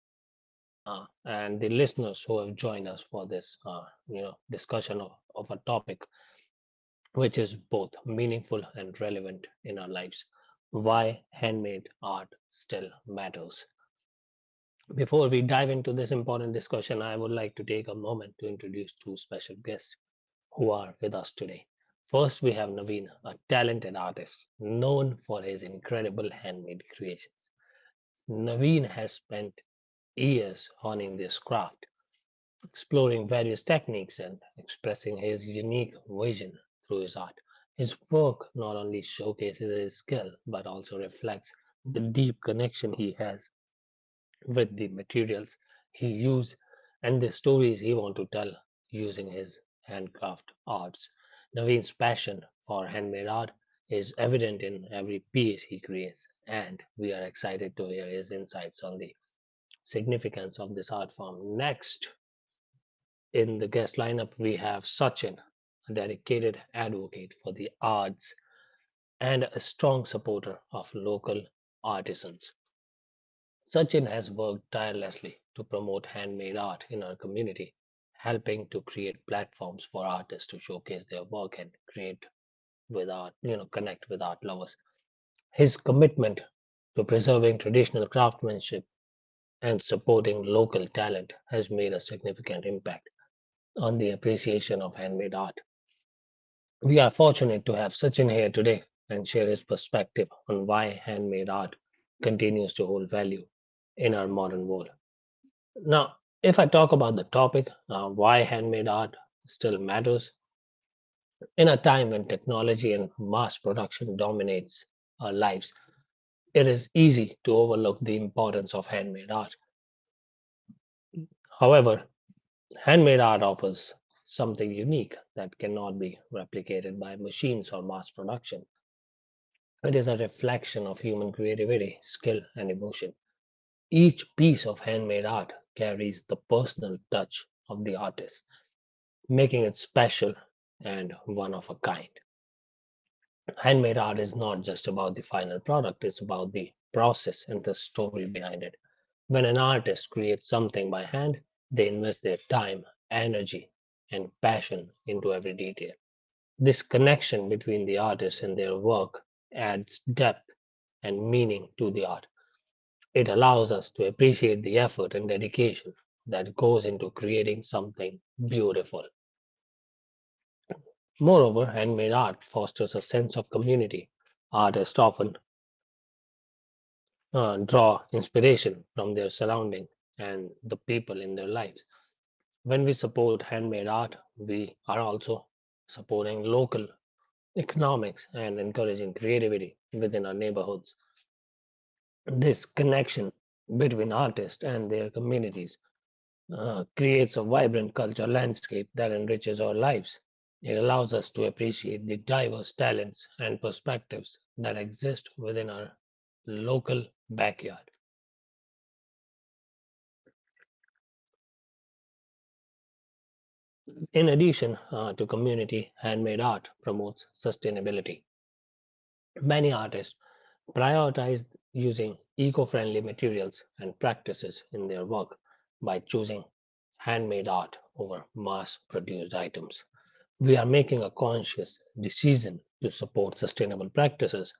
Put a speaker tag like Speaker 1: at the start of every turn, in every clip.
Speaker 1: guests and the listeners who have joined us for this, discussion of a topic which is both meaningful and relevant in our lives. Why handmade art still matters. Before we dive into this important discussion, I would like to take a moment to introduce two special guests who are with us today. First, we have Naveen, a talented artist known for his incredible handmade creations. Naveen has spent years honing this craft, exploring various techniques and expressing his unique vision through his art. His work not only showcases his skill but also reflects the deep connection he has with the materials he used and the stories he want to tell using his handcraft arts. Naveen's passion for handmade art is evident in every piece he creates, and we are excited to hear his insights on the significance of this art form. Next in the guest lineup, we have Sachin, a dedicated advocate for the arts and a strong supporter of local artisans. Sachin has worked tirelessly to promote handmade art in our community, helping to create platforms for artists to showcase their work and create with art, you know, connect with art lovers. His commitment to preserving traditional craftsmanship and supporting local talent has made a significant impact on the appreciation of handmade art. We are fortunate to have Sachin here today and share his perspective on why handmade art continues to hold value in our modern world. Now, if I talk about the topic, why handmade art still matters, in a time when technology and mass production dominates our lives, it is easy to overlook the importance of handmade art. However, handmade art offers something unique that cannot be replicated by machines or mass production. It is a reflection of human creativity, skill, and emotion. Each piece of handmade art carries the personal touch of the artist making it special and one of a kind. Handmade art is not just about the final product, it's about the process and the story behind it. When an artist creates something by hand, they invest their time, energy, and passion into every detail. This connection between the artist and their work adds depth and meaning to the art. It allows us to appreciate the effort and dedication that goes into creating something beautiful. Moreover, handmade art fosters a sense of community. Artists often draw inspiration from their surrounding and the people in their lives. When we support handmade art, we are also supporting local economics and encouraging creativity within our neighborhoods. This connection between artists and their communities creates a vibrant cultural landscape that enriches our lives. It allows us to appreciate the diverse talents and perspectives that exist within our local backyard. In addition to community, handmade art promotes sustainability. Many artists prioritize using eco friendly materials and practices in their work by choosing handmade art over mass produced items. We are making a conscious decision to support sustainable practices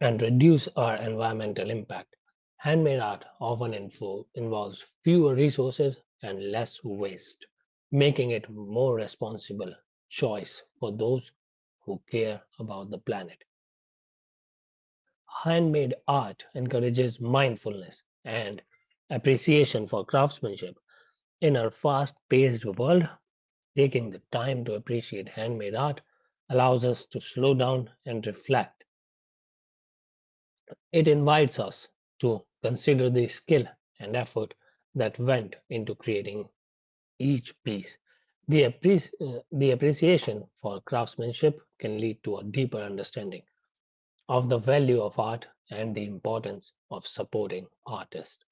Speaker 1: and reduce our environmental impact. Handmade art often involves fewer resources and less waste, making it a more responsible choice for those who care about the planet. Handmade art encourages mindfulness and appreciation for craftsmanship in our fast paced world. Taking the time to appreciate handmade art allows us to slow down and reflect. It invites us to consider the skill and effort that went into creating each piece. The appreciation for craftsmanship can lead to a deeper understanding of the value of art and the importance of supporting artists.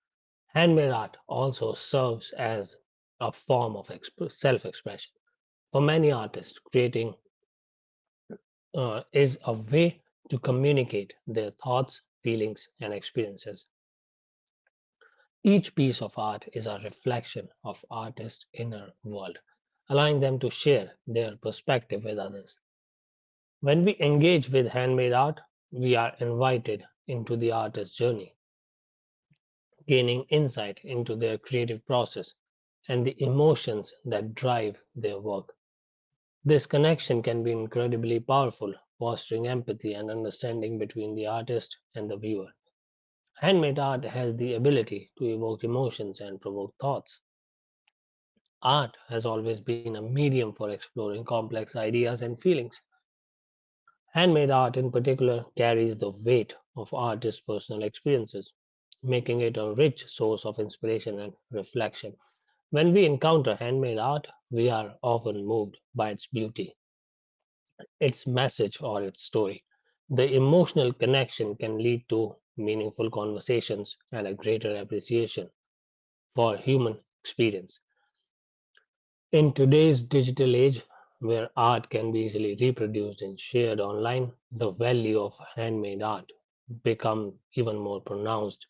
Speaker 1: Handmade art also serves as a form of self expression. For many artists, creating is a way to communicate their thoughts, feelings, and experiences. Each piece of art is a reflection of artist's inner world, allowing them to share their perspective with others. When we engage with handmade art, we are invited into the artist's journey, gaining insight into their creative process and the emotions that drive their work. This connection can be incredibly powerful, fostering empathy and understanding between the artist and the viewer. Handmade art has the ability to evoke emotions and provoke thoughts. Art has always been a medium for exploring complex ideas and feelings. Handmade art, in particular, carries the weight of artists' personal experiences, making it a rich source of inspiration and reflection. When we encounter handmade art, we are often moved by its beauty, its message, or its story. The emotional connection can lead to meaningful conversations and a greater appreciation for human experience. In today's digital age, where art can be easily reproduced and shared online, the value of handmade art becomes even more pronounced.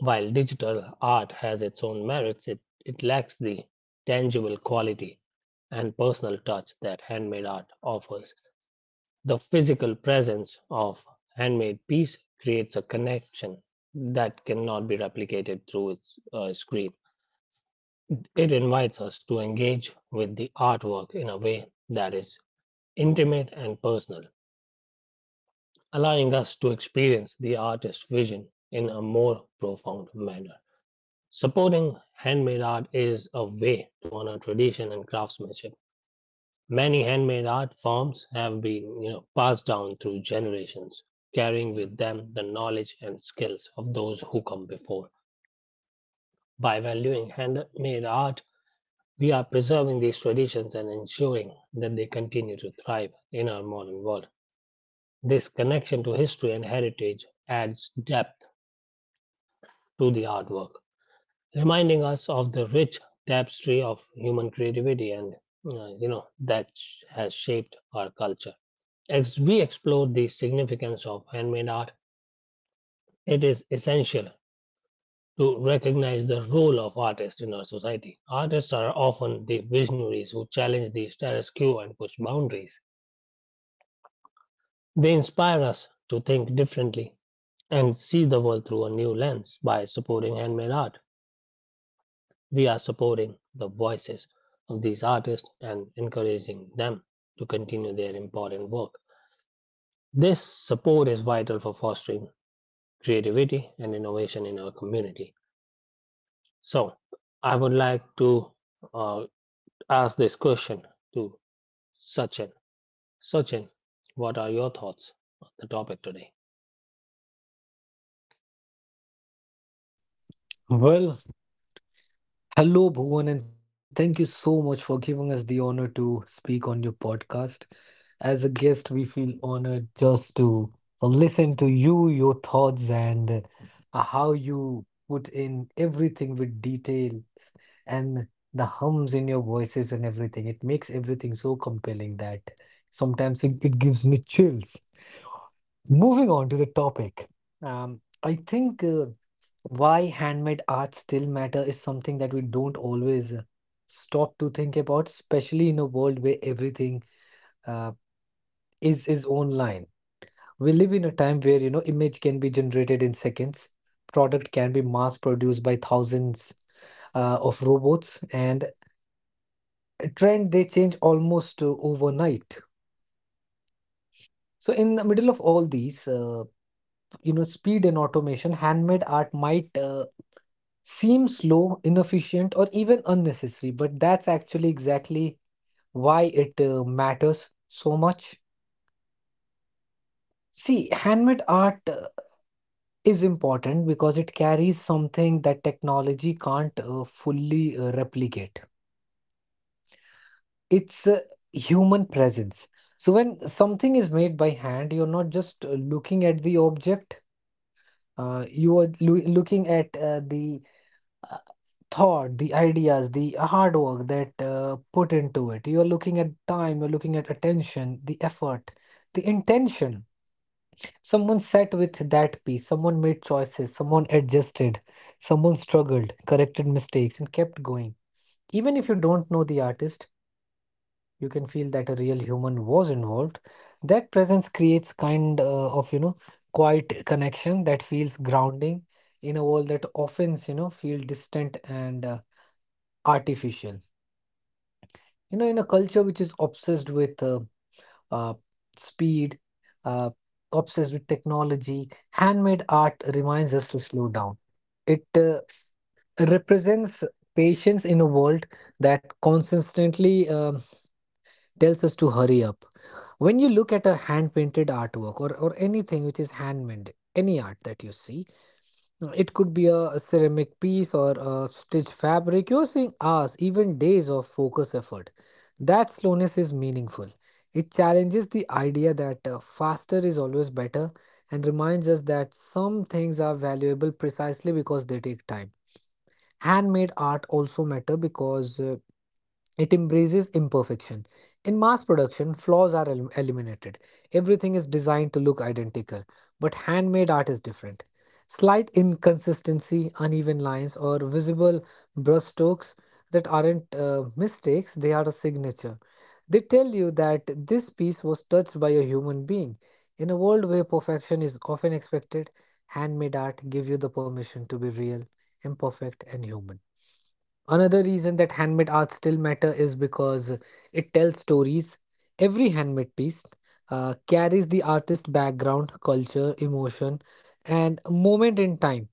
Speaker 1: While digital art has its own merits, it lacks the tangible quality and personal touch that handmade art offers. The physical presence of handmade piece creates a connection that cannot be replicated through its screen. It invites us to engage with the artwork in a way that is intimate and personal, allowing us to experience the artist's vision in a more profound manner. Supporting handmade art is a way to honor tradition and craftsmanship. Many handmade art forms have been you know, passed down through generations, carrying with them the knowledge and skills of those who come before. By valuing handmade art, we are preserving these traditions and ensuring that they continue to thrive in our modern world. This connection to history and heritage adds depth to the artwork, reminding us of the rich tapestry of human creativity and that has shaped our culture. As we explore the significance of handmade art, it is essential to recognize the role of artists in our society. Artists are often the visionaries who challenge the status quo and push boundaries. They inspire us to think differently and see the world through a new lens. By supporting handmade art, we are supporting the voices of these artists and encouraging them to continue their important work. This support is vital for fostering creativity and innovation in our community. So, I would like to uh, ask this question to Sachin. Sachin, what are your thoughts on the topic today?
Speaker 2: Well, hello, Bhuvan, and thank you so much for giving us the honor to speak on your podcast. As a guest, we feel honored just to listen to you, your thoughts, and how you put in everything with details and the hums in your voices and everything. It makes everything so compelling that sometimes it gives me chills. Moving on to the topic, I think why handmade art still matter is something that we don't always stop to think about, especially in a world where everything uh, is online. We live in a time where you know image can be generated in seconds, product can be mass produced by thousands of robots, and a trend they change almost overnight. So in the middle of all these, speed and automation, handmade art might seems slow, inefficient, or even unnecessary, but that's actually exactly why it matters so much. See, handmade art is important because it carries something that technology can't fully replicate. It's human presence. So, when something is made by hand, you're not just looking at the object, you are looking at the thought, the ideas, the hard work that put into it. You are looking at time, you're looking at attention, the effort, the intention. Someone sat with that piece, someone made choices, someone adjusted, someone struggled, corrected mistakes, and kept going. Even if you don't know the artist, you can feel that a real human was involved. That presence creates kind of, quiet connection that feels grounding in a world that often, feel distant and artificial. You know, in a culture which is obsessed with uh, speed, uh, obsessed with technology, handmade art reminds us to slow down. It represents patience in a world that consistently tells us to hurry up. When you look at a hand painted artwork, or anything which is handmade, any art that you see, it could be a ceramic piece or a stitched fabric. You're seeing hours, even days of focused effort. That slowness is meaningful. It challenges the idea that faster is always better and reminds us that some things are valuable precisely because they take time. Handmade art also matter because it embraces imperfection. In mass production, flaws are eliminated. Everything is designed to look identical, but handmade art is different. Slight inconsistency, uneven lines, or visible brushstrokes that aren't mistakes, they are a signature. They tell you that this piece was touched by a human being. In a world where perfection is often expected, handmade art gives you the permission to be real, imperfect, and human. Another reason that handmade art still matter is because it tells stories. Every handmade piece carries the artist's background, culture, emotion, and moment in time.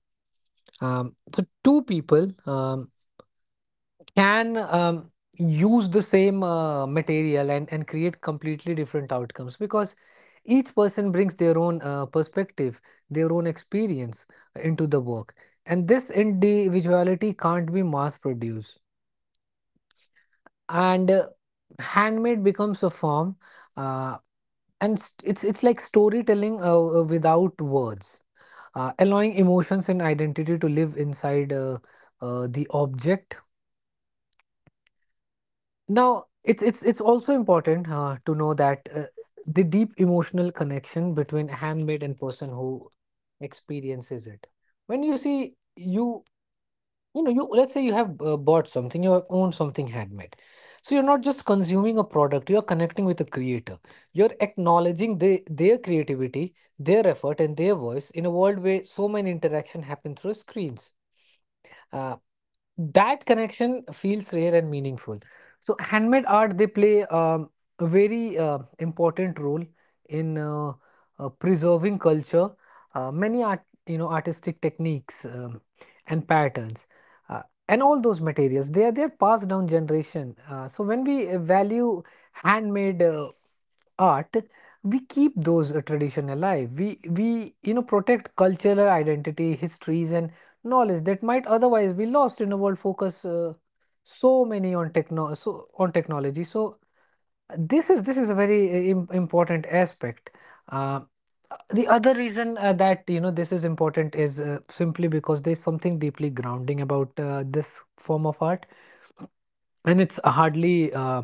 Speaker 2: So two people, can use the same material and create completely different outcomes because each person brings their own perspective, their own experience into the work. And this individuality can't be mass produced. And handmade becomes a form, uh, it's like storytelling without words, allowing emotions and identity to live inside the object. Now, it's also important to know that the deep emotional connection between handmade and person who experiences it. When you see you you know you let's say you have bought something, you have owned something handmade. So you're not just consuming a product, you are connecting with the creator. You're acknowledging their creativity, their effort, and their voice in a world where so many interaction happen through screens. Uh, that connection feels rare and meaningful. So handmade art, they play a very important role in preserving culture. Many art, artistic techniques, and patterns, uh, and all those materials, they are passed down generation. So when we value handmade art, we keep those tradition alive. We you know protect cultural identity, histories, and knowledge that might otherwise be lost in a world focus so on technology. So this is a very important aspect. Uh, the other reason that you know this is important is simply because there's something deeply grounding about this form of art, and it's hardly.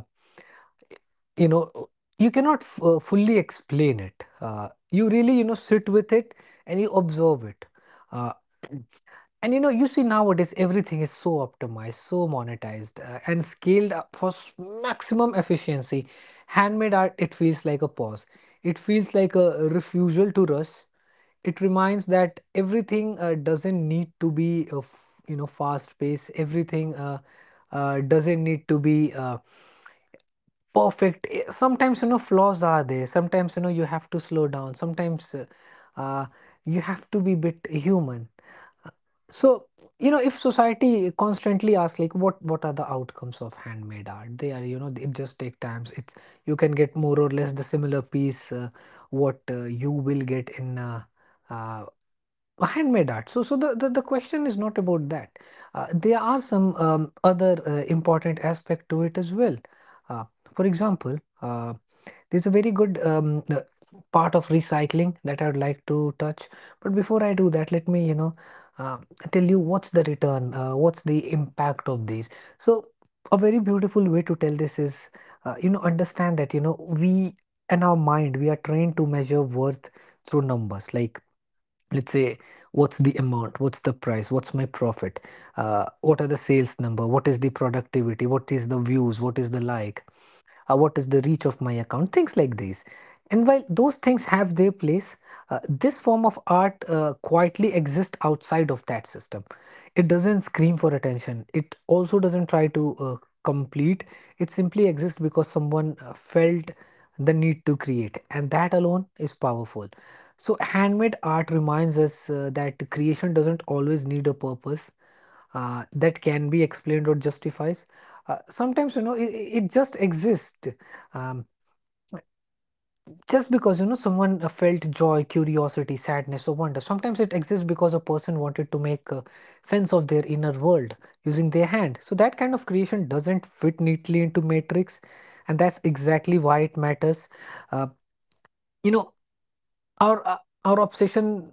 Speaker 2: you know uh, you cannot fully explain it. You really you know sit with it and you observe it, uh, and you know you see nowadays everything is so optimized, so monetized, and scaled up for maximum efficiency. Handmade art, it feels like a pause, it feels like a refusal to rush. It reminds that everything doesn't need to be you know fast paced, everything doesn't need to be perfect. Eh, sometimes you know flaws are there, sometimes you know you have to slow down, sometimes uh, you have to be bit human. Uh, so you know, if society constantly asks like what are the outcomes of handmade art, they are, you know, it just take times. It's, you can get more or less the similar piece, what you will get in uh, handmade art. So the question is not about that. There are some other important aspect to it as well. Uh, for example, uh, there's a very good part of recycling that I would like to touch. But before I do that, let me, uh, tell you what's the return, what's the impact of these. So, a very beautiful way to tell this is, understand that, we and our mind, we are trained to measure worth through numbers. Like, let's say, what's the amount, what's the price, what's my profit, what are the sales number, what is the productivity, what is the views, what is the like, what is the reach of my account, things like these. And while those things have their place, this form of art quietly exists outside of that system. It doesn't scream for attention. It also doesn't try to complete. It simply exists because someone felt the need to create, and that alone is powerful. So, handmade art reminds us that creation doesn't always need a purpose that can be explained or justifies. Sometimes you know it just exists, um, just because you know someone felt joy, curiosity, sadness, or wonder. Sometimes it exists because a person wanted to make sense of their inner world using their hand. So that kind of creation doesn't fit neatly into matrix, and that's exactly why it matters. Uh, you know our uh, our obsession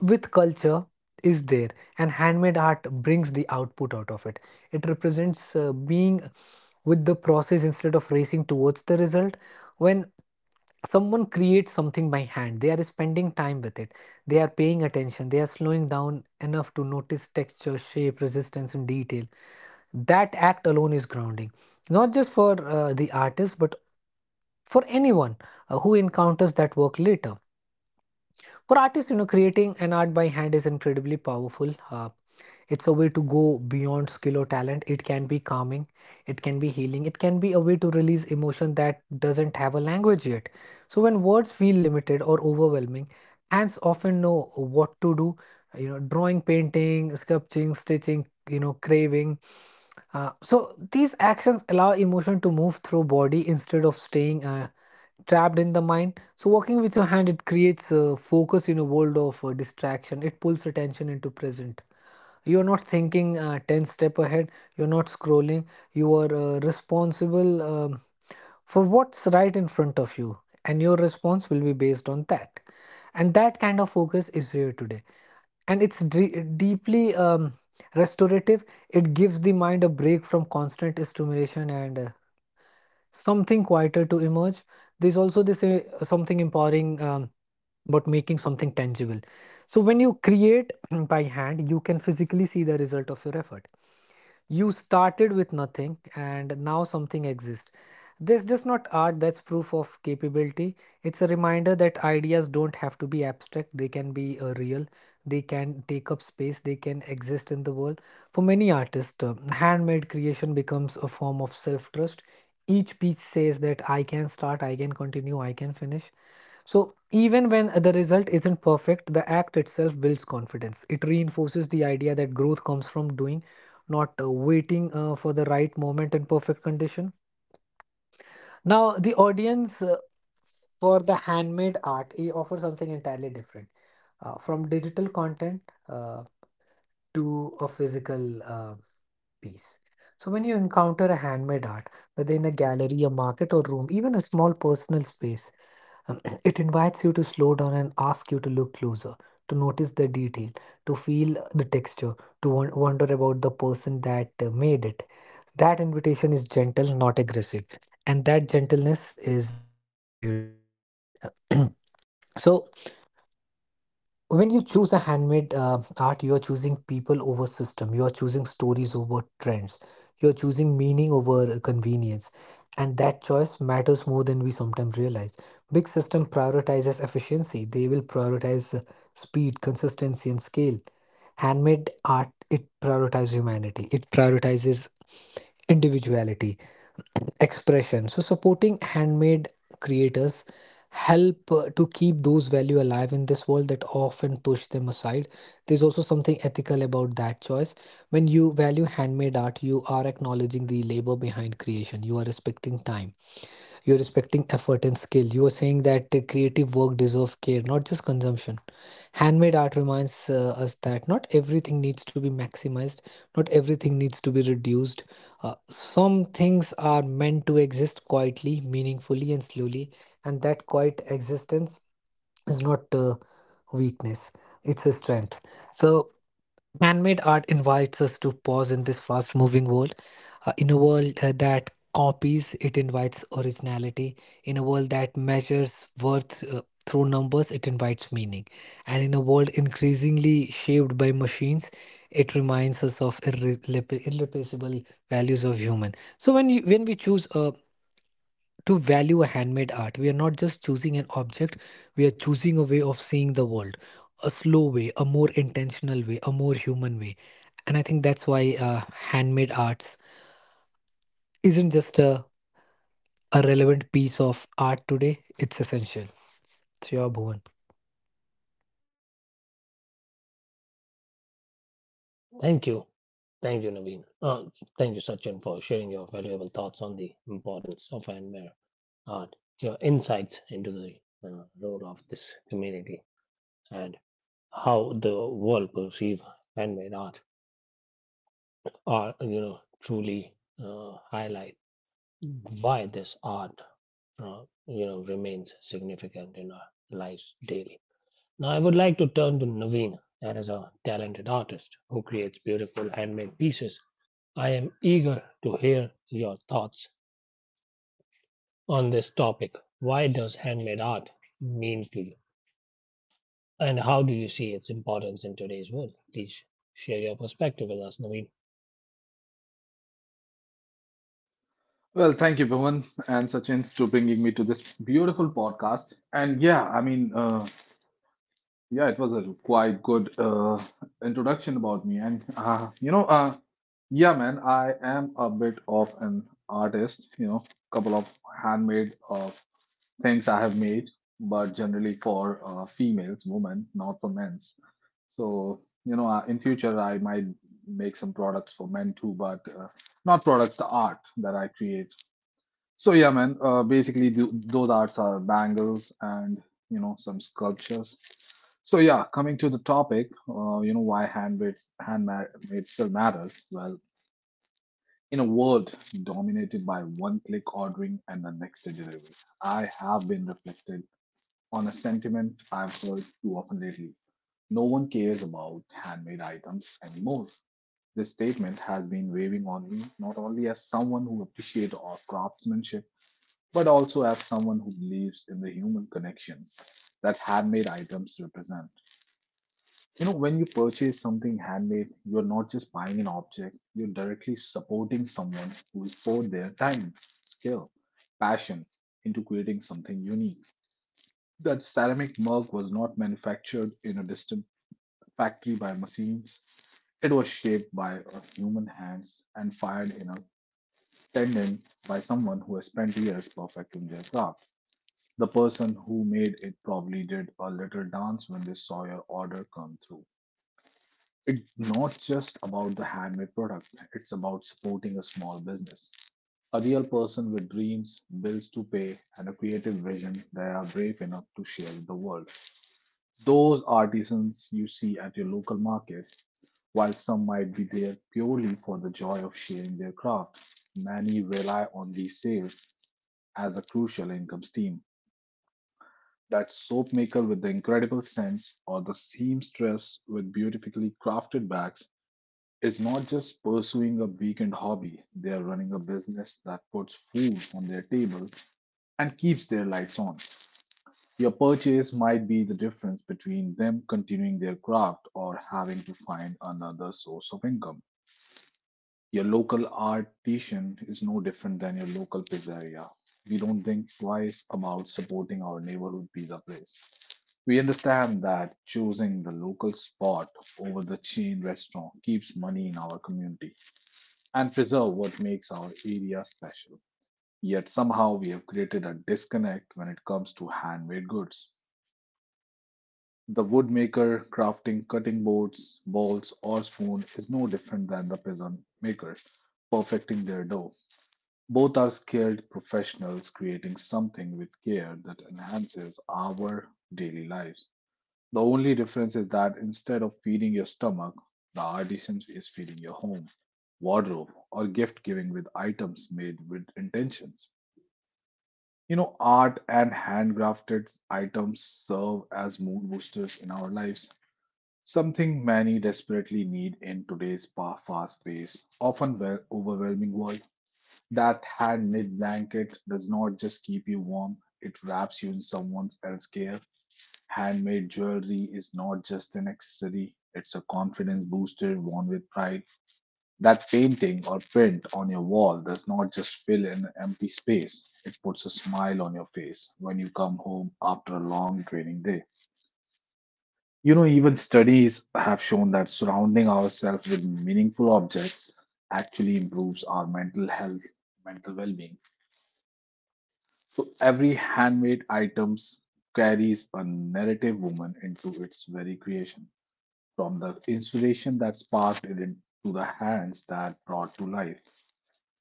Speaker 2: with culture is there, and handmade art brings the output out of it. It represents being with the process instead of racing towards the result. When someone creates something by hand, they are spending time with it. They are paying attention. They are slowing down enough to notice texture, shape, resistance, and detail. That act alone is grounding, not just for the artist, but for anyone who encounters that work later. For artists, you know, creating an art by hand is incredibly powerful. It's a way to go beyond skill or talent. It can be calming, it can be healing, it can be a way to release emotion that doesn't have a language yet. So when words feel limited or overwhelming, hands often know what to do. You know, drawing, painting, sculpting, stitching, you know, craving. So these actions allow emotion to move through body instead of staying trapped in the mind. So working with your hand, it creates a focus in a world of distraction. It pulls attention into present. You are not thinking 10 step ahead. You're not scrolling. You are responsible for what's right in front of you. And your response will be based on that. And that kind of focus is rare today. And it's deeply restorative. It gives the mind a break from constant stimulation and something quieter to emerge. There's also this something empowering about making something tangible. So when you create by hand, you can physically see the result of your effort. You started with nothing and now something exists. This just not art, that's proof of capability. It's a reminder that ideas don't have to be abstract, they can be real. They can take up space, they can exist in the world. For many artists, handmade creation becomes a form of self trust. Each piece says that I can start, I can continue, I can finish. So even when the result isn't perfect, the act itself builds confidence. It reinforces the idea that growth comes from doing, not waiting for the right moment and perfect condition. Now, the audience, for the handmade art, it offers something entirely different, from digital content uh, to a physical piece. So, when you encounter a handmade art, whether in a gallery, a market, or room, even a small personal space, um, it invites you to slow down and ask you to look closer, to notice the detail, to feel the texture, to wonder about the person that made it. That invitation is gentle, not aggressive, and that gentleness is very rare today. So when you choose a handmade art, you are choosing people over system, you are choosing stories over trends, you are choosing meaning over convenience. And that choice matters more than we sometimes realize. Big system prioritizes efficiency, they will prioritize speed, consistency, and scale. Handmade art, it prioritizes humanity, it prioritizes individuality, expression. So supporting handmade creators help to keep those value alive in this world that often push them aside. There's also something ethical about that choice. When you value handmade art, you are acknowledging the labor behind creation, you are respecting time, you're respecting effort and skill. You are saying that the creative work deserves care, not just consumption. Handmade art reminds us that not everything needs to be maximized, not everything needs to be reduced. Some things are meant to exist quietly, meaningfully, and slowly, and that quiet existence is not weakness, it's a strength. So, man-made art invites us to pause in this fast-moving world. Uh, in a world that copies, it invites originality. In a world that measures worth through numbers, it invites meaning. And in a world increasingly shaped by machines, it reminds us of irreplaceable values of human. So when you, when we choose a to value a handmade art, we are not just choosing an object, we are choosing a way of seeing the world, a slow way, a more intentional way, a more human way. And I think that's why handmade arts isn't just a relevant piece of art today, it's essential. So, yeah, Bhuvan.
Speaker 1: Thank you. Thank you, Naveen. Thank you, Sachin, for sharing your valuable thoughts on the importance of handmade art, your insights into the role of this community, and how the world perceive handmade art are, you know, truly highlight why this art, remains significant in our lives daily. Now, I would like to turn to Naveen, that is a talented artist who creates beautiful handmade pieces. I am eager to hear your thoughts on this topic. Why does handmade art mean to you? And how do you see its importance in today's world? Please share your perspective with us, Naveen.
Speaker 3: Well, thank you, Bhavan and Sachin, to bringing me to this beautiful podcast. And yeah, yeah, it was a quite good introduction about me. Yeah, man, I am a bit of an artist. You know, couple of handmade things I have made, but generally for females, women, not for men's. In future, I might make some products for men too, but not products, the art that I create. So yeah, man. Basically, th those arts are bangles and some sculptures. So yeah, coming to the topic, why handmade still matters. Well, in a world dominated by one-click ordering and the next day delivery, I have been reflected on a sentiment I've heard too often lately. No one cares about handmade items anymore. This statement has been weighing on me not only as someone who appreciates our craftsmanship but also as someone who believes in the human connections that handmade items represent. You know, when you purchase something handmade, you're not just buying an object, you're directly supporting someone who has poured their time, skill, passion into creating something unique. That ceramic mug was not manufactured in a distant factory by machines, it was shaped by a human hands and fired in a tendon by someone who has spent years perfecting their craft. The person who made it probably did a little dance when they saw your order come through. It's not just about the handmade product, it's about supporting a small business. A real person with dreams, bills to pay, and a creative vision that are brave enough to share with the world. Those artisans you see at your local market, while some might be there purely for the joy of sharing their craft, many rely on these sales as a crucial income stream. That soap maker with the incredible scents, or the seamstress with beautifully crafted bags, is not just pursuing a weekend hobby, they are running a business that puts food on their table and keeps their lights on. Your purchase might be the difference between them continuing their craft or having to find another source of income. Your local artisan is no different than your local pizzeria. We don't think twice about supporting our neighborhood pizza place. We understand that choosing the local spot over the chain restaurant keeps money in our community and preserve what makes our area special. Yet somehow we have created a disconnect when it comes to handmade goods. The woodmaker crafting cutting boards, balls, or spoon is no different than the peasant maker perfecting their dough. Both are skilled professionals creating something with care that enhances our daily lives. The only difference is that instead of feeding your stomach, the artisan is feeding your home, wardrobe, or gift giving with items made with intentions. You know, art and handcrafted items serve as mood boosters in our lives, something many desperately need in today's fast paced, often overwhelming world. That hand knit blanket does not just keep you warm, it wraps you in someone else's care. Handmade jewelry is not just an accessory, it's a confidence booster worn with pride. That painting or print on your wall does not just fill an empty space, it puts a smile on your face when you come home after a long training day. You know, even studies have shown that surrounding ourselves with meaningful objects actually improves our mental health, mental well being. So every handmade items carries a narrative woman into its very creation, from the inspiration that sparked to the hands that brought to life.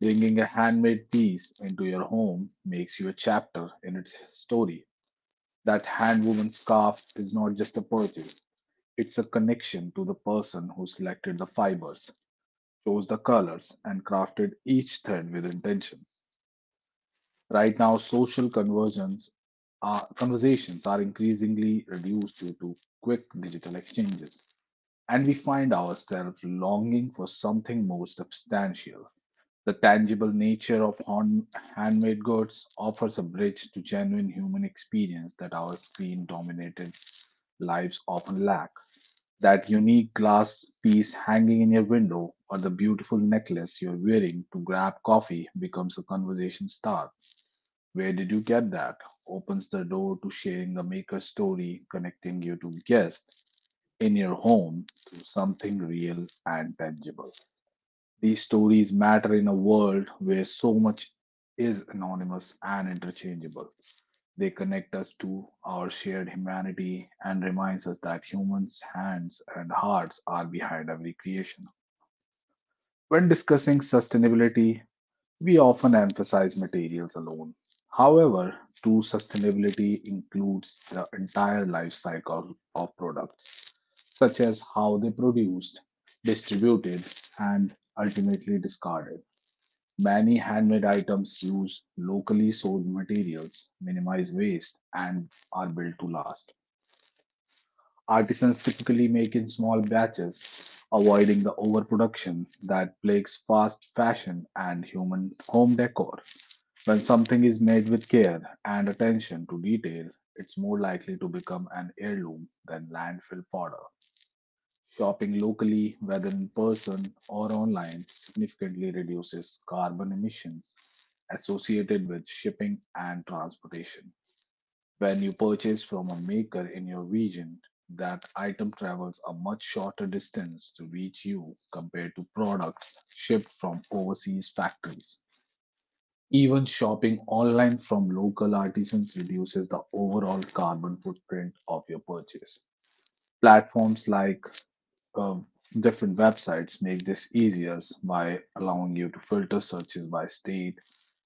Speaker 3: Bringing a handmade piece into your home makes you a chapter in its story. That handwoven scarf is not just a purchase, it's a connection to the person who selected the fibers, chose the colors, and crafted each thread with intention. Right now, conversations are increasingly reduced due to quick digital exchanges and we find ourselves longing for something more substantial. The tangible nature of handmade goods offers a bridge to genuine human experience that our screen dominated lives often lack. That unique glass piece hanging in your window or the beautiful necklace you're wearing to grab coffee becomes a conversation start. Where did you get that? Opens the door to sharing the maker's story, connecting you to guests in your home to something real and tangible. These stories matter in a world where so much is anonymous and interchangeable. They connect us to our shared humanity and reminds us that humans' hands and hearts are behind every creation. When discussing sustainability, we often emphasize materials alone. However, true sustainability includes the entire life cycle of products such as how they produced, distributed, and ultimately discarded. Many handmade items use locally sourced materials, minimize waste, and are built to last. Artisans typically make in small batches, avoiding the overproduction that plagues fast fashion and human home decor. When something is made with care and attention to detail, it's more likely to become an heirloom than landfill fodder. Shopping locally, whether in person or online, significantly reduces carbon emissions associated with shipping and transportation. When you purchase from a maker in your region, that item travels a much shorter distance to reach you compared to products shipped from overseas factories. Even shopping online from local artisans reduces the overall carbon footprint of your purchase. Platforms like um, different websites make this easier by allowing you to filter searches by state,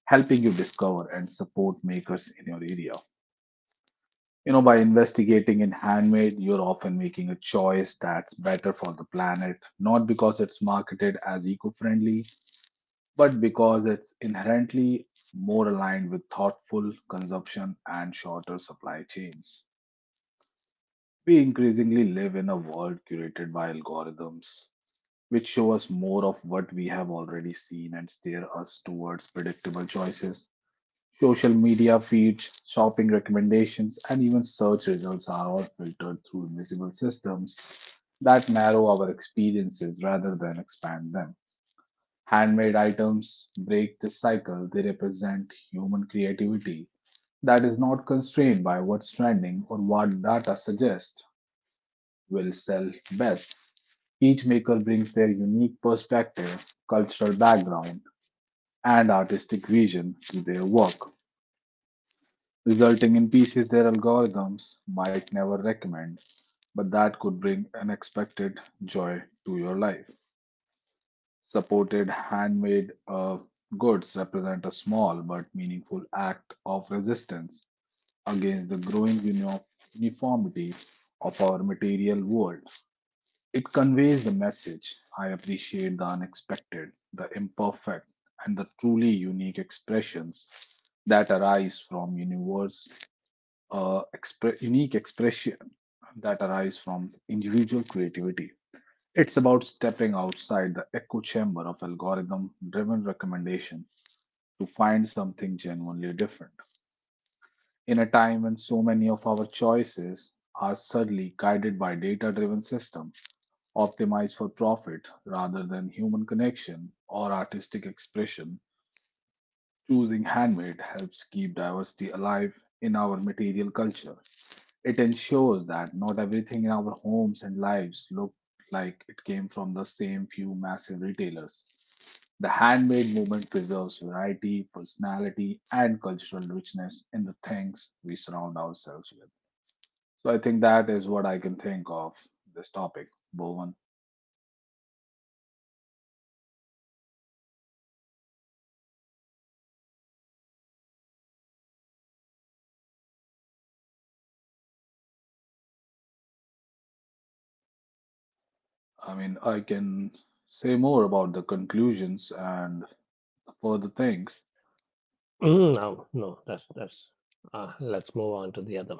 Speaker 3: helping you discover and support makers in your area. You know, by investigating in handmade, you're often making a choice that's better for the planet, not because it's marketed as eco friendly, but because it's inherently more aligned with thoughtful consumption and shorter supply chains. We increasingly live in a world curated by algorithms which show us more of what we have already seen and steer us towards predictable choices. Social media feeds, shopping recommendations, and even search results are all filtered through invisible systems that narrow our experiences rather than expand them. Handmade items break this cycle, they represent human creativity that is not constrained by what's trending or what data suggests will sell best. Each maker brings their unique perspective, cultural background, and artistic vision to their work, resulting in pieces their algorithms might never recommend, but that could bring unexpected joy to your life. Supported handmade goods represent a small but meaningful act of resistance against the growing uniformity of our material world. It conveys the message I appreciate the unexpected, the imperfect, and the truly unique expressions that arise from unique expression that arise from individual creativity. It's about stepping outside the echo chamber of algorithm driven recommendation to find something genuinely different. In a time when so many of our choices are subtly guided by data driven systems, optimized for profit rather than human connection or artistic expression, choosing handmade helps keep diversity alive in our material culture. It ensures that not everything in our homes and lives look like it came from the same few massive retailers. The handmade movement preserves variety, personality, and cultural richness in the things we surround ourselves with. So I think that is what I can think of this topic, Bowen. I mean, I can say more about the conclusions and further things.
Speaker 1: Mm, no, no, that's that's. Let's move on to the other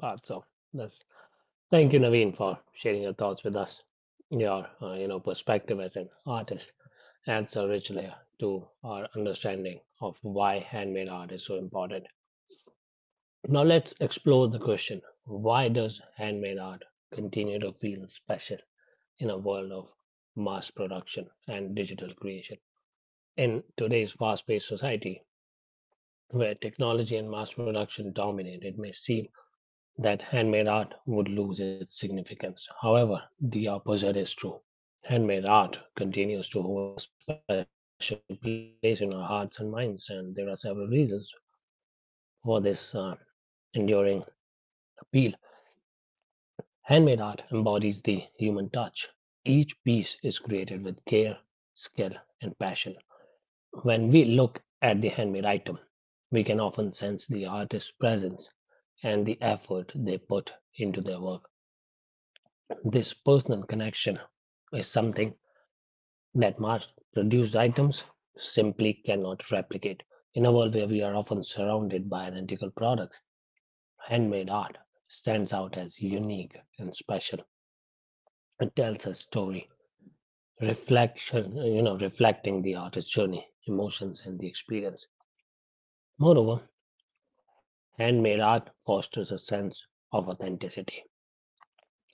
Speaker 1: part. So, that's, thank you, Naveen, for sharing your thoughts with us. Your perspective as an artist adds a rich layer to our understanding of why handmade art is so important. Now let's explore the question, why does handmade art continue to feel special in a world of mass production and digital creation? In today's fast paced society, where technology and mass production dominate, it may seem that handmade art would lose its significance. However, the opposite is true. Handmade art continues to hold a special place in our hearts and minds, and there are several reasons for this enduring appeal. Handmade art embodies the human touch. Each piece is created with care, skill, and passion. When we look at the handmade item, we can often sense the artist's presence and the effort they put into their work. This personal connection is something that mass produced items simply cannot replicate. In a world where we are often surrounded by identical products, handmade art stands out as unique and special. It tells a story, reflecting the artist's journey, emotions, and the experience. Moreover, handmade art fosters a sense of authenticity.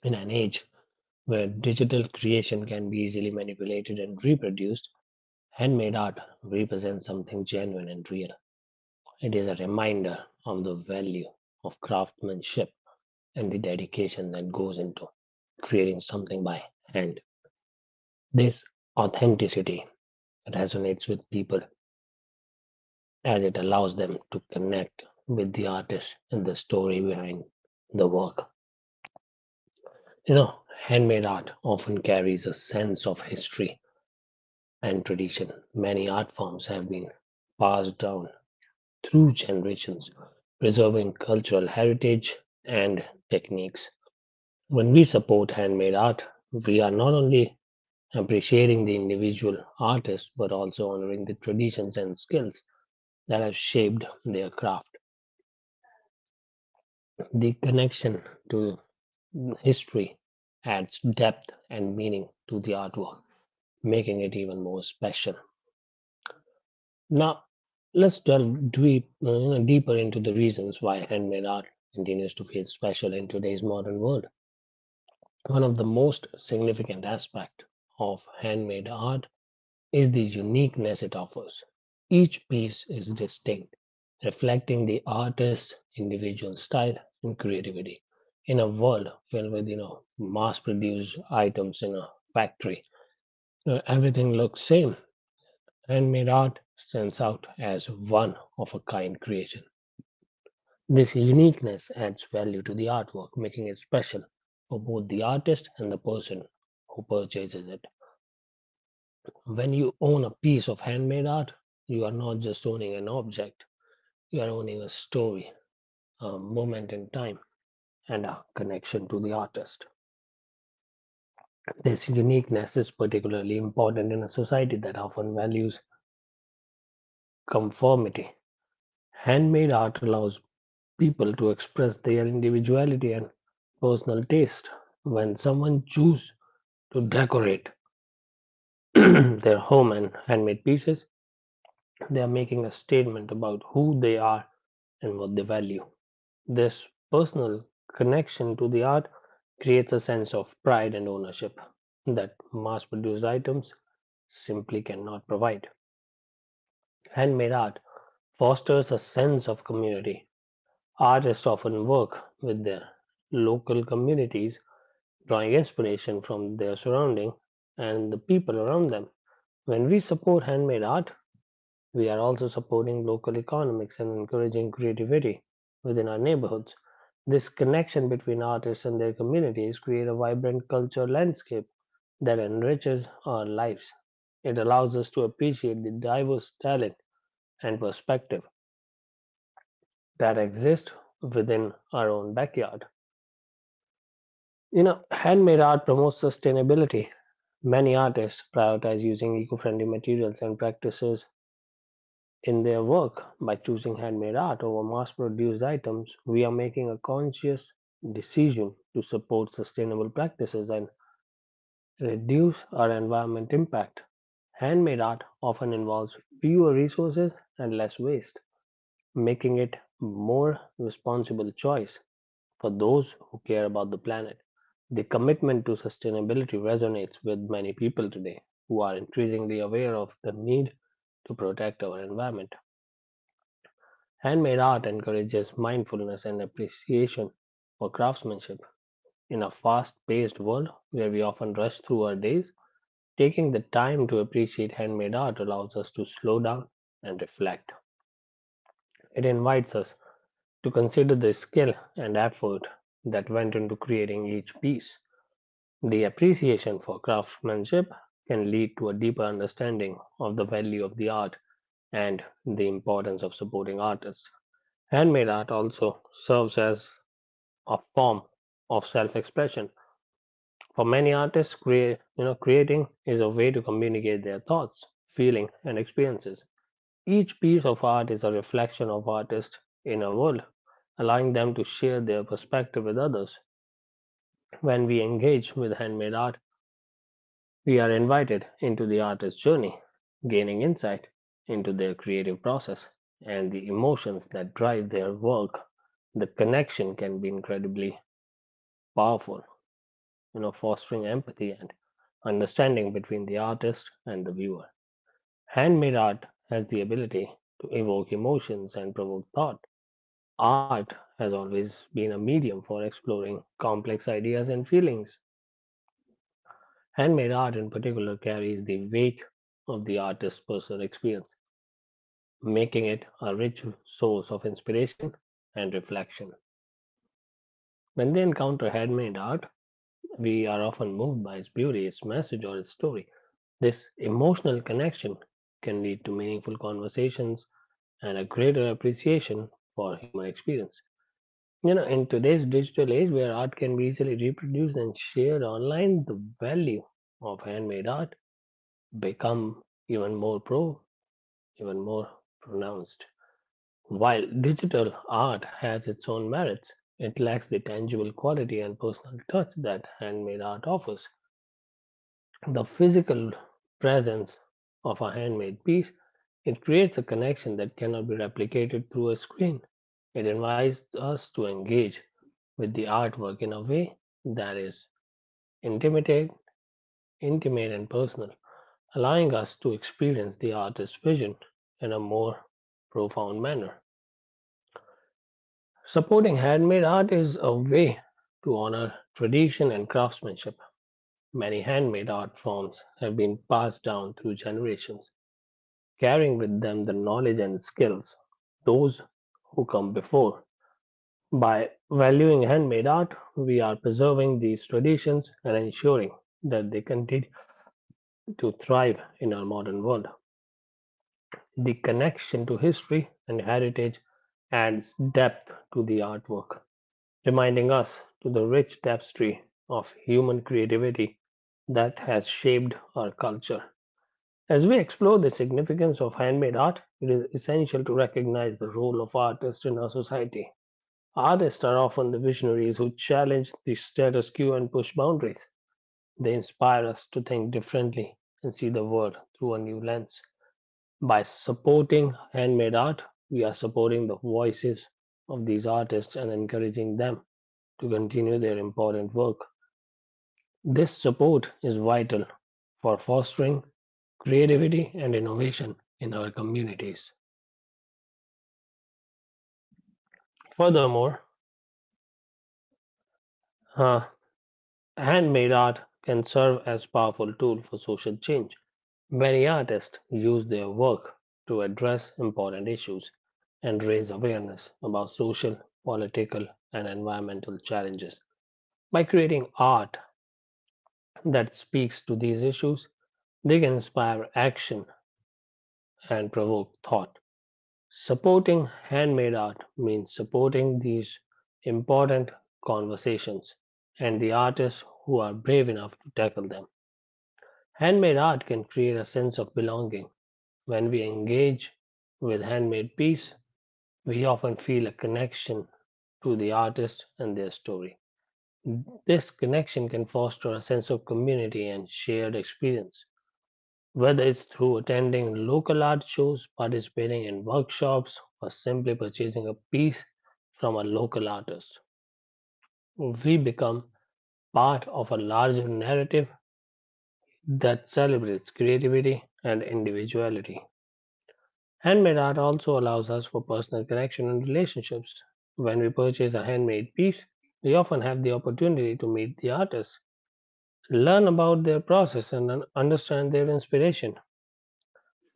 Speaker 1: In an age where digital creation can be easily manipulated and reproduced, handmade art represents something genuine and real. It is a reminder of the value of craftsmanship and the dedication that goes into creating something by hand. This authenticity resonates with people as it allows them to connect with the artist and the story behind the work. You know, handmade art often carries a sense of history and tradition. Many art forms have been passed down through generations, preserving cultural heritage and techniques. When we support handmade art, we are not only appreciating the individual artist but also honoring the traditions and skills that have shaped their craft. The connection to history adds depth and meaning to the artwork, making it even more special. Now, let's deeper into the reasons why handmade art continues to feel special in today's modern world. One of the most significant aspects of handmade art is the uniqueness it offers. Each piece is distinct, reflecting the artist's individual style and creativity. In a world filled with, mass-produced items in a factory, where everything looks same, handmade art stands out as one of a kind creation. This uniqueness adds value to the artwork, making it special for both the artist and the person who purchases it. When you own a piece of handmade art, you are not just owning an object, you are owning a story, a moment in time, and a connection to the artist. This uniqueness is particularly important in a society that often values conformity. Handmade art allows people to express their individuality and personal taste. When someone chooses to decorate their home and handmade pieces, they are making a statement about who they are and what they value. This personal connection to the art creates a sense of pride and ownership that mass produced items simply cannot provide. Handmade art fosters a sense of community. Artists often work with their local communities, drawing inspiration from their surrounding and the people around them. When we support handmade art, we are also supporting local economics and encouraging creativity within our neighborhoods. This connection between artists and their communities creates a vibrant cultural landscape that enriches our lives. It allows us to appreciate the diverse talent and perspective that exist within our own backyard. Handmade art promotes sustainability. Many artists prioritize using eco-friendly materials and practices in their work by choosing handmade art over mass produced items, we are making a conscious decision to support sustainable practices and reduce our environment impact. Handmade art often involves fewer resources and less waste, making it a more responsible choice for those who care about the planet. The commitment to sustainability resonates with many people today who are increasingly aware of the need to protect our environment. Handmade art encourages mindfulness and appreciation for craftsmanship. In a fast paced world where we often rush through our days, taking the time to appreciate handmade art allows us to slow down and reflect. It invites us to consider the skill and effort that went into creating each piece. The appreciation for craftsmanship can lead to a deeper understanding of the value of the art and the importance of supporting artists. Handmade art also serves as a form of self-expression. For many artists, creating is a way to communicate their thoughts, feelings, and experiences. Each piece of art is a reflection of artists' inner world, allowing them to share their perspective with others. When we engage with handmade art, we are invited into the artist's journey, gaining insight into their creative process and the emotions that drive their work. The connection can be incredibly powerful, fostering empathy and understanding between the artist and the viewer. Handmade art has the ability to evoke emotions and provoke thought. Art has always been a medium for exploring complex ideas and feelings. Handmade art, in particular, carries the weight of the artist's personal experience, making it a rich source of inspiration and reflection. When they encounter handmade art, we are often moved by its beauty, its message, or its story. This emotional connection can lead to meaningful conversations and a greater appreciation for human experience. In today's digital age where art can be easily reproduced and shared online, the value of handmade art become even more pro, even more pronounced. While digital art has its own merits, it lacks the tangible quality and personal touch that handmade art offers. The physical presence of a handmade piece, it creates a connection that cannot be replicated through a screen. It invites us to engage with the artwork in a way that is intimate, intimate and personal, allowing us to experience the artist's vision in a more profound manner. Supporting handmade art is a way to honor tradition and craftsmanship. Many handmade art forms have been passed down through generations carrying with them the knowledge and skills those who come before. By valuing handmade art, we are preserving these traditions and ensuring that they continue to thrive in our modern world. The connection to history and heritage adds depth to the artwork, reminding us to the rich tapestry of human creativity that has shaped our culture. As we explore the significance of handmade art, it is essential to recognize the role of artists in our society. Artists are often the visionaries who challenge the status quo and push boundaries. They inspire us to think differently and see the world through a new lens. By supporting handmade art, we are supporting the voices of these artists and encouraging them to continue their important work. This support is vital for fostering creativity and innovation in our communities. Furthermore, uh, handmade art can serve as powerful tool for social change. Many artists use their work to address important issues and raise awareness about social, political, and environmental challenges. By creating art that speaks to these issues, they can inspire action and provoke thought. Supporting handmade art means supporting these important conversations and the artists who are brave enough to tackle them. Handmade art can create a sense of belonging. When we engage with handmade piece, we often feel a connection to the artist and their story. This connection can foster a sense of community and shared experience. Whether it's through attending local art shows, participating in workshops, or simply purchasing a piece from a local artist, we become part of a larger narrative that celebrates creativity and individuality. Handmade art also allows us for personal connection and relationships. When we purchase a handmade piece, we often have the opportunity to meet the artist, learn about their process, and understand their inspiration.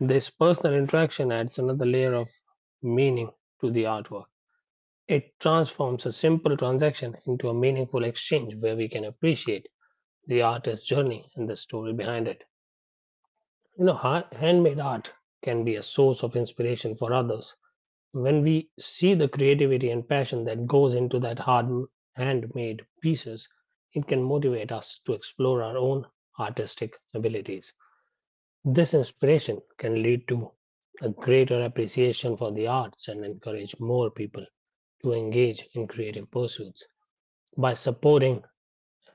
Speaker 1: This personal interaction adds another layer of meaning to the artwork. It transforms a simple transaction into a meaningful exchange where we can appreciate the artist's journey and the story behind it. You know, Handmade art can be a source of inspiration for others. When we see the creativity and passion that goes into that hard handmade pieces, it can motivate us to explore our own artistic abilities. This inspiration can lead to a greater appreciation for the arts and encourage more people to engage in creative pursuits. By supporting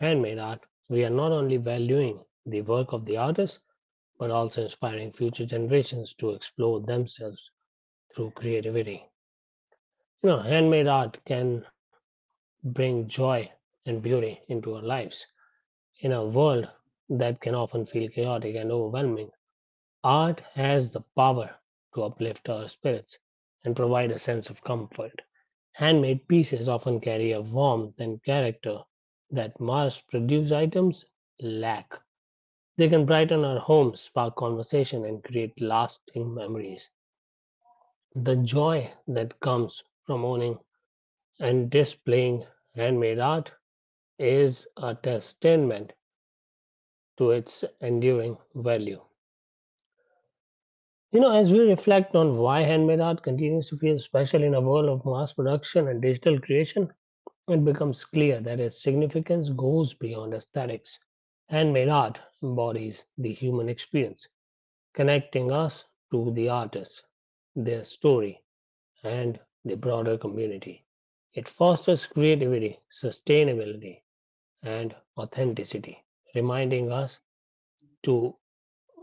Speaker 1: handmade art, we are not only valuing the work of the artist, but also inspiring future generations to explore themselves through creativity. Handmade art can bring joy and beauty into our lives. In a world that can often feel chaotic and overwhelming, art has the power to uplift our spirits and provide a sense of comfort. Handmade pieces often carry a warmth and character that mass produced items lack. They can brighten our homes, spark conversation, and create lasting memories. The joy that comes from owning and displaying handmade art is a testament to its enduring value. As we reflect on why handmade art continues to feel special in a world of mass production and digital creation, it becomes clear that its significance goes beyond aesthetics. Handmade art embodies the human experience, connecting us to the artists, their story, and the broader community. It fosters creativity, sustainability, and authenticity, reminding us to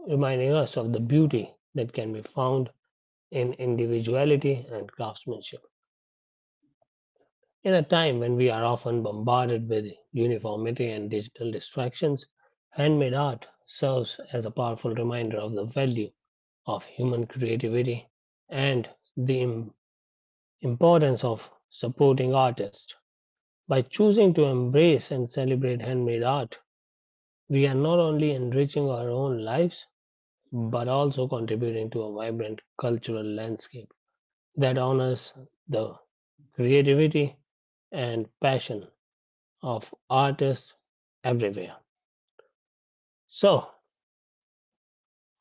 Speaker 1: reminding us of the beauty that can be found in individuality and craftsmanship. In a time when we are often bombarded with uniformity and digital distractions, handmade art serves as a powerful reminder of the value of human creativity and the im- importance of supporting artists. By choosing to embrace and celebrate handmade art, we are not only enriching our own lives but also contributing to a vibrant cultural landscape that honors the creativity and passion of artists everywhere. So,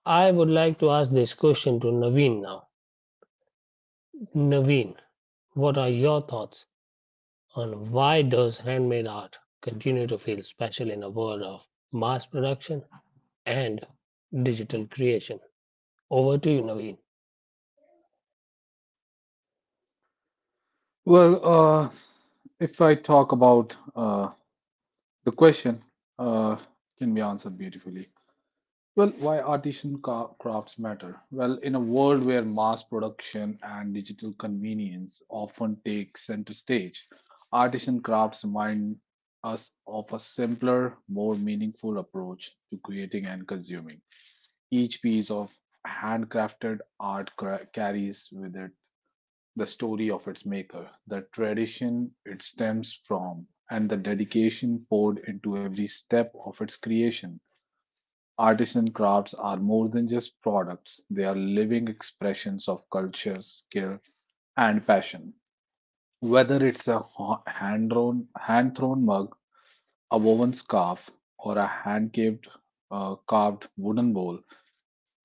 Speaker 1: I would like to ask this question to Naveen now. Naveen, what are your thoughts on why does handmade art continue to feel special in a world of mass production and digital creation? Over to you, Naveen.
Speaker 3: Well, if I talk about the question, uh, can be answered beautifully. Well, why artisan crafts matter? Well, in a world where mass production and digital convenience often take center stage, artisan crafts remind us of a simpler, more meaningful approach to creating and consuming. Each piece of handcrafted art carries with it the story of its maker, the tradition it stems from, and the dedication poured into every step of its creation. Artisan crafts are more than just products, they are living expressions of culture, skill, and passion. Whether it's a hand drawn, hand thrown mug, a woven scarf, or a hand carved wooden bowl,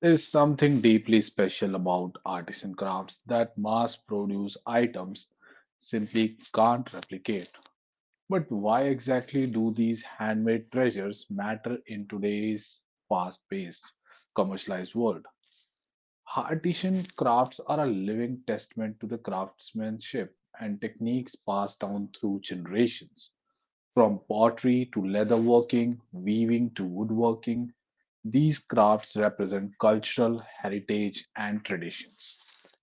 Speaker 3: there is something deeply special about artisan crafts that mass produced items simply can't replicate. But why exactly do these handmade treasures matter in today's fast paced, commercialized world? Artisan crafts are a living testament to the craftsmanship and techniques passed down through generations. From pottery to leatherworking, weaving to woodworking, these crafts represent cultural heritage and traditions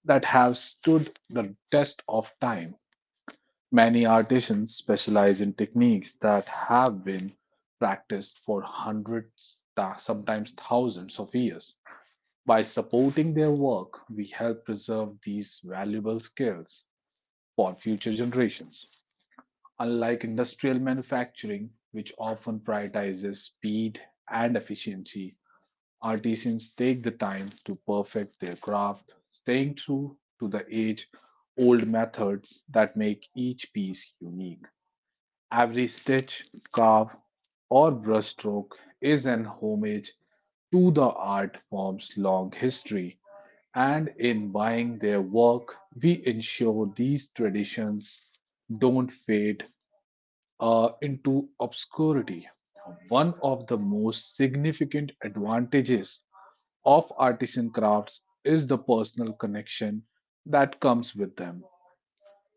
Speaker 3: that have stood the test of time. Many artisans specialize in techniques that have been practiced for hundreds, sometimes thousands of years. By supporting their work, we help preserve these valuable skills for future generations. Unlike industrial manufacturing, which often prioritizes speed and efficiency, artisans take the time to perfect their craft, staying true to the age old methods that make each piece unique. Every stitch, carve, or brushstroke is an homage to the art form's long history, and in buying their work, we ensure these traditions don't fade into obscurity. One of the most significant advantages of artisan crafts is the personal connection that comes with them.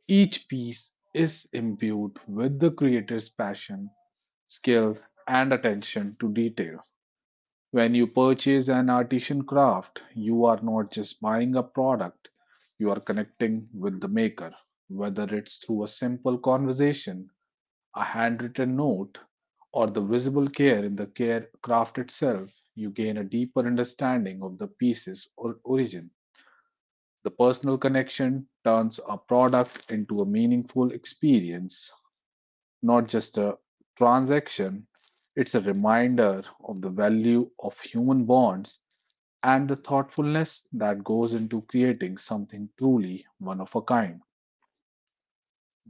Speaker 3: Each piece is imbued with the creator's passion, skill, and attention to detail. When you purchase an artisan craft, you are not just buying a product, you are connecting with the maker, whether it's through a simple conversation a handwritten note, or the visible care in the care craft itself, you gain a deeper understanding of the piece's or origin. The personal connection turns a product into a meaningful experience, not just a transaction. It's a reminder of the value of human bonds and the thoughtfulness that goes into creating something truly one of a kind.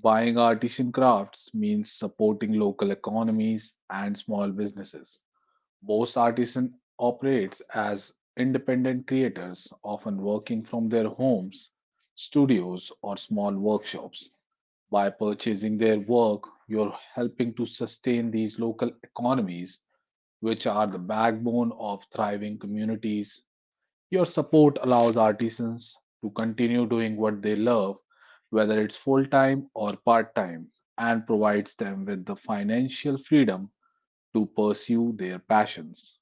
Speaker 3: Buying artisan crafts means supporting local economies and small businesses. Most artisans operates as independent creators, often working from their homes, studios, or small workshops. By purchasing their work, you're helping to sustain these local economies, which are the backbone of thriving communities. Your support allows artisans to continue doing what they love, whether it's full time or part time, and provides them with the financial freedom to pursue their passions.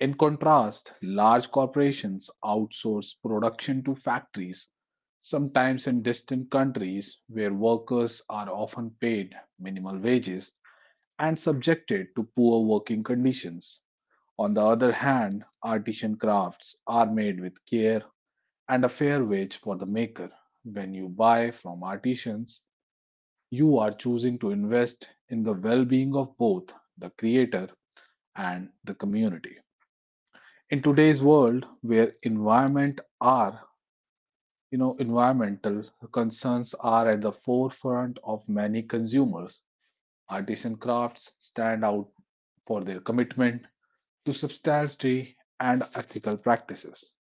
Speaker 3: In contrast, large corporations outsource production to factories, sometimes in distant countries where workers are often paid minimal wages and subjected to poor working conditions. On the other hand, artisan crafts are made with care, and a fair wage for the maker. When you buy from artisans, you are choosing to invest in the well being of both the creator and the community. In today's world where environmental concerns are at the forefront of many consumers, artisan crafts stand out for their commitment to sustainability and ethical practices.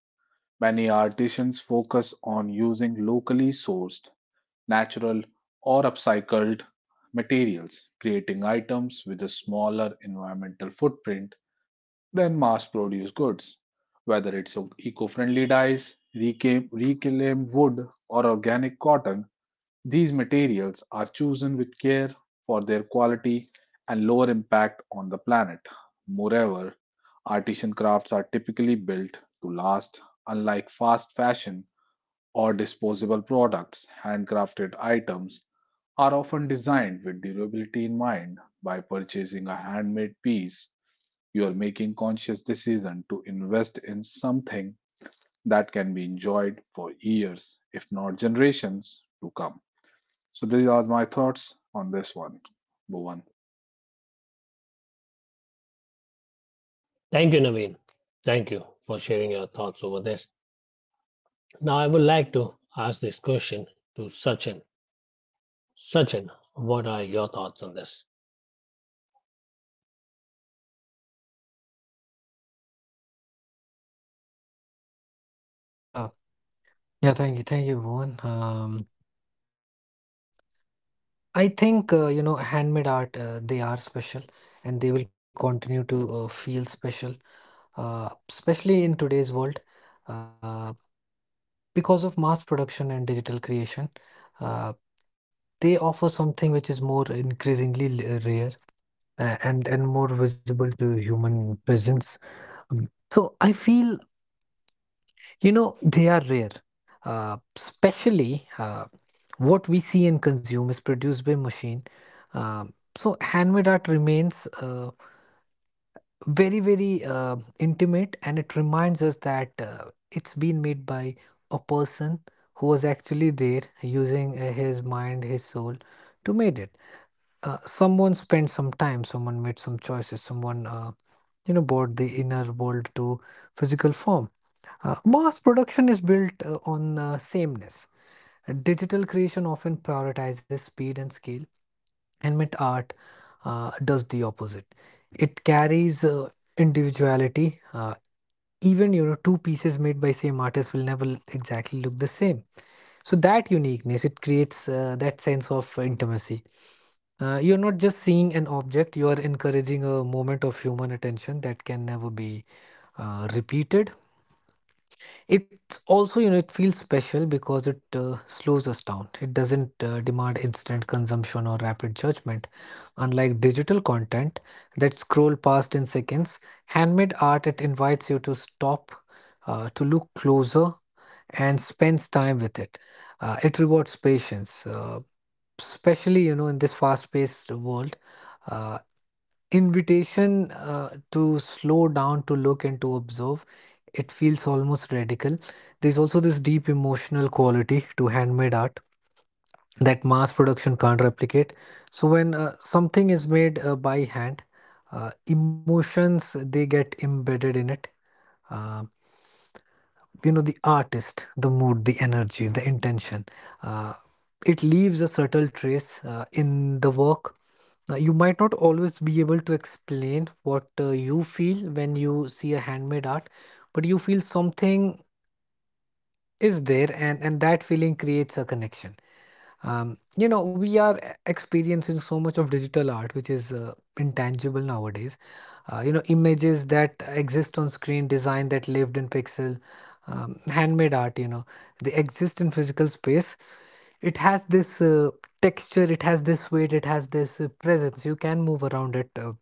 Speaker 3: Many artisans focus on using locally sourced natural, or upcycled materials, creating items with a smaller environmental footprint than mass produced goods. Whether it's eco friendly dyes, reclaimed wood, or organic cotton, these materials are chosen with care for their quality and lower impact on the planet. Moreover, artisan crafts are typically built to last, unlike fast fashion or disposable products, handcrafted items are often designed with durability in mind. By purchasing a handmade piece, you are making conscious decision to invest in something that can be enjoyed for years, if not generations, to come. So these are my thoughts on this one, Bhuvan.
Speaker 1: Thank you, Naveen. Thank you for sharing your thoughts over this. Now, I would like to ask this question to Sachin. Sachin, what are your thoughts on this?
Speaker 2: Well, yeah. Yeah, thank you. Thank you, Bhuvan. I think, you know, handmade art, they are special and they will continue to feel special, especially in today's world. Uh, Because of mass production and digital creation, uh, they offer something which is more increasingly rare, and more visible to human presence. Um, so I feel, you know, they are rare. Especially what we see and consume is produced by machine. Um so handmade art remains, very very intimate, and it reminds us that it's been made by a person who was actually there using his mind, his soul to made it. Uh, someone spent some time, someone made some choices, someone, you know, brought the inner world to physical form. Uh, mass production is built on sameness. Digital creation often prioritizes speed and scale, and mint art does the opposite. It carries, individuality, uh, even, you know, two pieces made by same artist will never exactly look the same. So that uniqueness, it creates, that sense of intimacy. Uh, you're not just seeing an object, you are encouraging a moment of human attention that can never be repeated. It also, you know, it feels special because it slows us down. It doesn't demand instant consumption or rapid judgment. Unlike digital content that scroll past in seconds, handmade art, it invites you to stop, to look closer, and spends time with it. It rewards patience, especially, you know, in this fast-paced world. Uh, Invitation to slow down, to look, and to observe. It feels almost radical. There's also this deep emotional quality to handmade art that mass production can't replicate. So when something is made by hand, emotions they get embedded in it. Uh, you know, the artist, the mood, the energy, the intention. Uh, it leaves a subtle trace in the work. You might not always be able to explain what you feel when you see a handmade art, but you feel something is there, and that feeling creates a connection. You know, we are experiencing so much of digital art, which is intangible nowadays. You know, images that exist on screen, design that lived in pixel, handmade art, you know, they exist in physical space. It has this texture, it has this weight, it has this presence. You can move around it.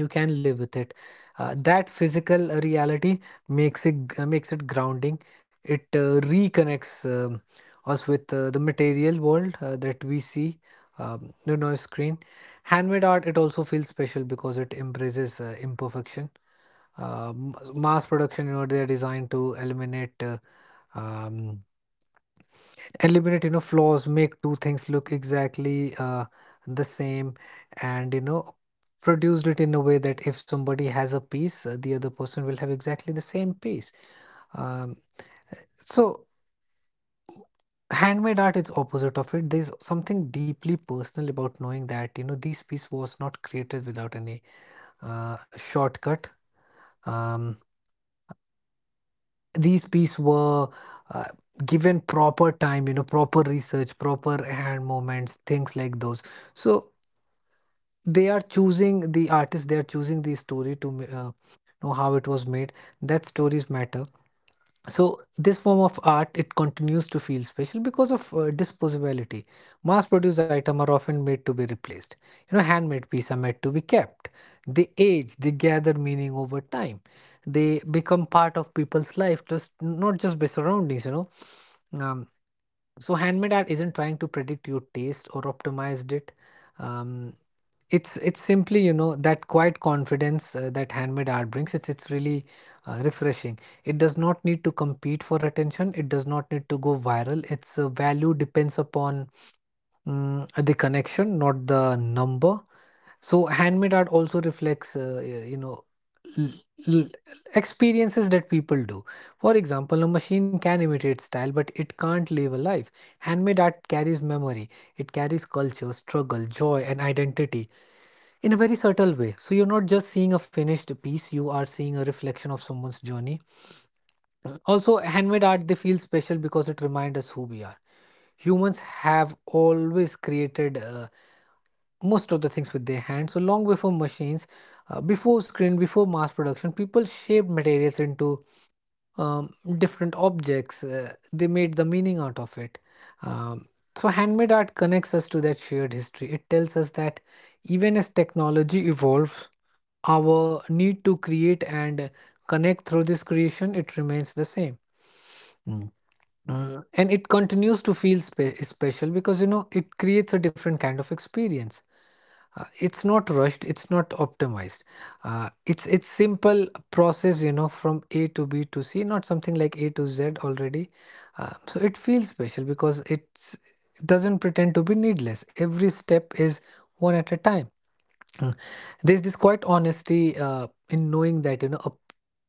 Speaker 2: You can live with it. That physical reality makes it grounding. It reconnects us with the material world that we see, the noise screen. Handmade art, it also feels special because it embraces imperfection. Mass production, you know, they are designed to eliminate uh, um, eliminate, you know, flaws, make two things look exactly the same, and, you know, produced it in a way that if somebody has a piece, the other person will have exactly the same piece. Um, so handmade art is opposite of it. There's something deeply personal about knowing that, you know, this piece was not created without any shortcut. Um, these pieces were uh, given proper time, you know, proper research, proper hand movements, things like those. So they are choosing the artist, they are choosing the story to know how it was made. That stories matter. So this form of art, it continues to feel special because of disposability. Mass produced items are often made to be replaced, you know. Handmade pieces are made to be kept. They age, they gather meaning over time, they become part of people's life, just not just by surroundings, you know. Um, so handmade art isn't trying to predict your taste or optimize it. Um, it's simply, you know, that quiet confidence that handmade art brings, it's really refreshing. It does not need to compete for attention, it does not need to go viral. Its value depends upon, the connection, not the number. So handmade art also reflects, you know, l- l- experiences that people do. For example, a machine can imitate style, but it can't live a life. Handmade art carries memory, it carries culture, struggle, joy, and identity in a very subtle way. So you're not just seeing a finished piece, you are seeing a reflection of someone's journey. Also, handmade art, they feel special because it reminds us who we are. Humans have always created most of the things with their hands. So long before machines, before screen, before mass production, people shaped materials into um, different objects. They made the meaning out of it. Um, so handmade art connects us to that shared history. It tells us that even as technology evolves, our need to create and connect through this creation, it remains the same. Mm. Mm, and it continues to feel special because, you know, it creates a different kind of experience. It's not rushed, it's not optimized. It's simple process, you know, from a to b to c, not something like a to z already. So it feels special because it's, it doesn't pretend to be needless. Every step is one at a time. Mm. There's this quite honesty in knowing that, you know,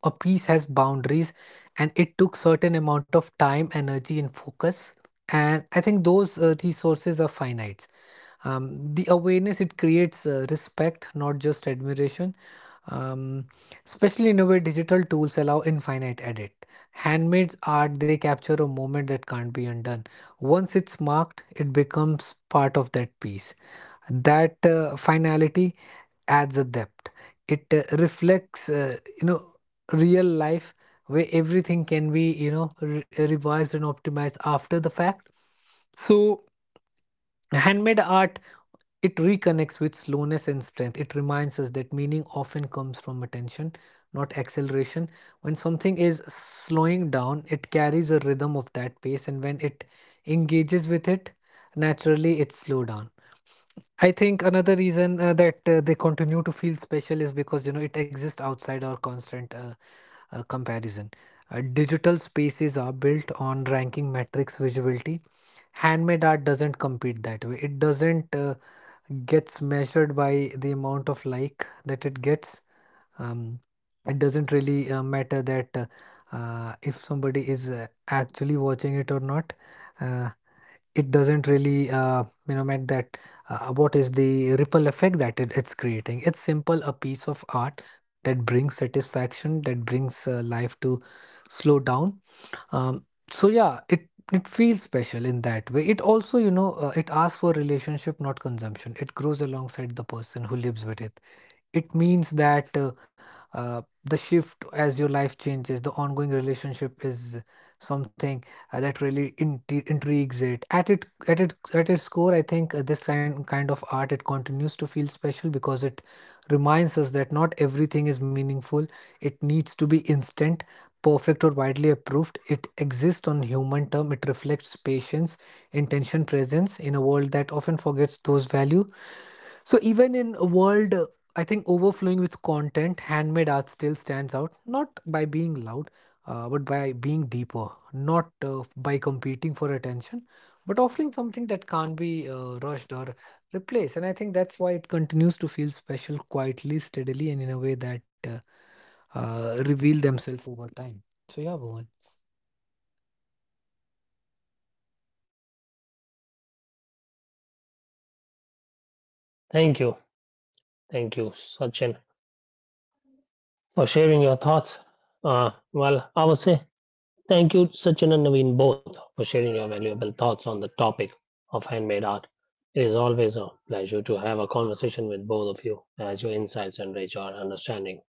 Speaker 2: a piece has boundaries and it took certain amount of time, energy, and focus. And I think those resources are finite. The awareness it creates respect, not just admiration. Um, especially in a way, digital tools allow infinite edit. Handmade art, they capture a moment that can't be undone. Once it's marked, it becomes part of that piece. That finality adds a depth. It reflects, you know, real life where everything can be, you know, revised and optimized after the fact. So, handmade art, it reconnects with slowness and strength. It reminds us that meaning often comes from attention, not acceleration. When something is slowing down, it carries a rhythm of that pace, and when it engages with it, naturally it slow down. I think another reason that they continue to feel special is because, you know, it exists outside our constant comparison. Digital spaces are built on ranking metrics visibility. Handmade art doesn't compete that way. It doesn't gets measured by the amount of like that it gets. Um, it doesn't really matter that if somebody is actually watching it or not. Uh, it doesn't really you know meant that what is the ripple effect that it's creating. It's simple a piece of art that brings satisfaction, that brings life to slow down. So yeah, it feels special in that way. It also, you know, it asks for relationship, not consumption. It grows alongside the person who lives with it. It means that, the shift, as your life changes, the ongoing relationship is something that really intrigues it. At its core, I think this kind of art, it continues to feel special because it reminds us that not everything is meaningful. It needs to be instant, perfect, or widely approved. It exists on human term. It reflects patience, intention, presence in a world that often forgets those value. So even in a world, I think, overflowing with content, handmade art still stands out, not by being loud, but by being deeper, not by competing for attention, but offering something that can't be rushed or replaced. And I think that's why it continues to feel special quietly, steadily, and in a way that reveal themselves over time. So, yeah, Bhuvan.
Speaker 1: Thank you. Thank you, Sachin, for sharing your thoughts. Well, I would say thank you, Sachin and Naveen, both for sharing your valuable thoughts on the topic of handmade art. It is always a pleasure to have a conversation with both of you as your insights enrich our understanding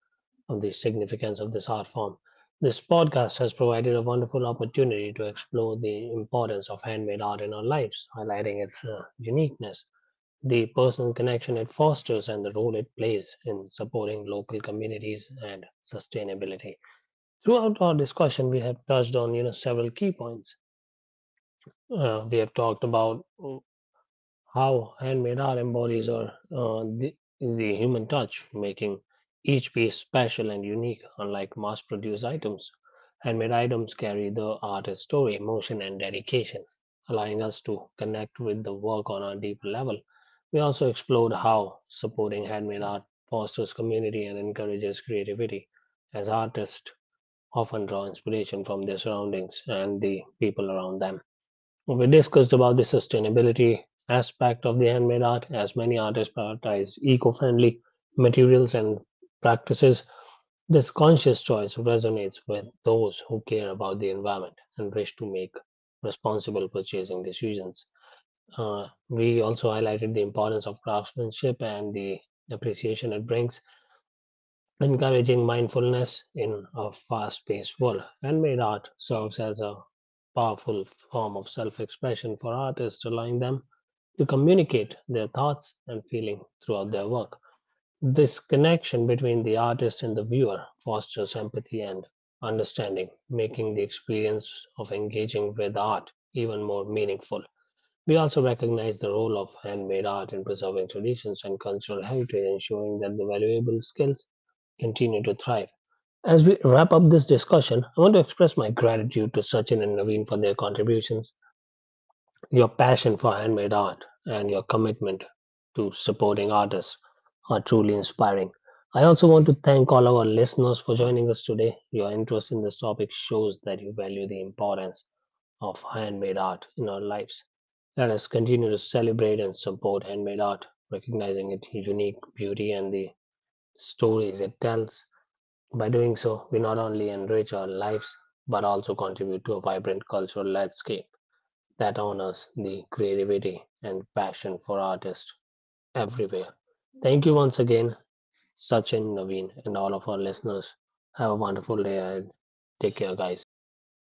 Speaker 1: of the significance of this art form. This podcast has provided a wonderful opportunity to explore the importance of handmade art in our lives, highlighting its uniqueness, the personal connection it fosters and the role it plays in supporting local communities and sustainability. Throughout our discussion, we have touched on several key points. We have talked about how handmade art embodies or uh, the, the human touch, making each piece special and unique. Unlike mass-produced items, handmade items carry the artist's story, emotion, and dedication, allowing us to connect with the work on a deeper level. We also explored how supporting handmade art fosters community and encourages creativity, as artists often draw inspiration from their surroundings and the people around them. We discussed about the sustainability aspect of the handmade art as many artists prioritize eco-friendly materials and practices. This conscious choice resonates with those who care about the environment and wish to make responsible purchasing decisions. We also highlighted the importance of craftsmanship and the appreciation it brings encouraging mindfulness in a fast paced world. Handmade art serves as a powerful form of self expression for artists, allowing them to communicate their thoughts and feelings throughout their work. This connection between the artist and the viewer fosters empathy and understanding, making the experience of engaging with art even more meaningful. We also recognize the role of handmade art in preserving traditions and cultural heritage, ensuring that the valuable skills continue to thrive. As we wrap up this discussion, I want to express my gratitude to Sachin and Naveen for their contributions, your passion for handmade art, and your commitment to supporting artists are truly inspiring. I also want to thank all our listeners for joining us today. Your interest in this topic shows that you value the importance of handmade art in our lives. Let us continue to celebrate and support handmade art, recognizing its unique beauty and the stories it tells. By doing so, we not only enrich our lives but also contribute to a vibrant cultural landscape that honors the creativity and passion for artists everywhere. Thank you once again, Sachin, Naveen, and all of our listeners. Have a wonderful day and take care, guys. See you until.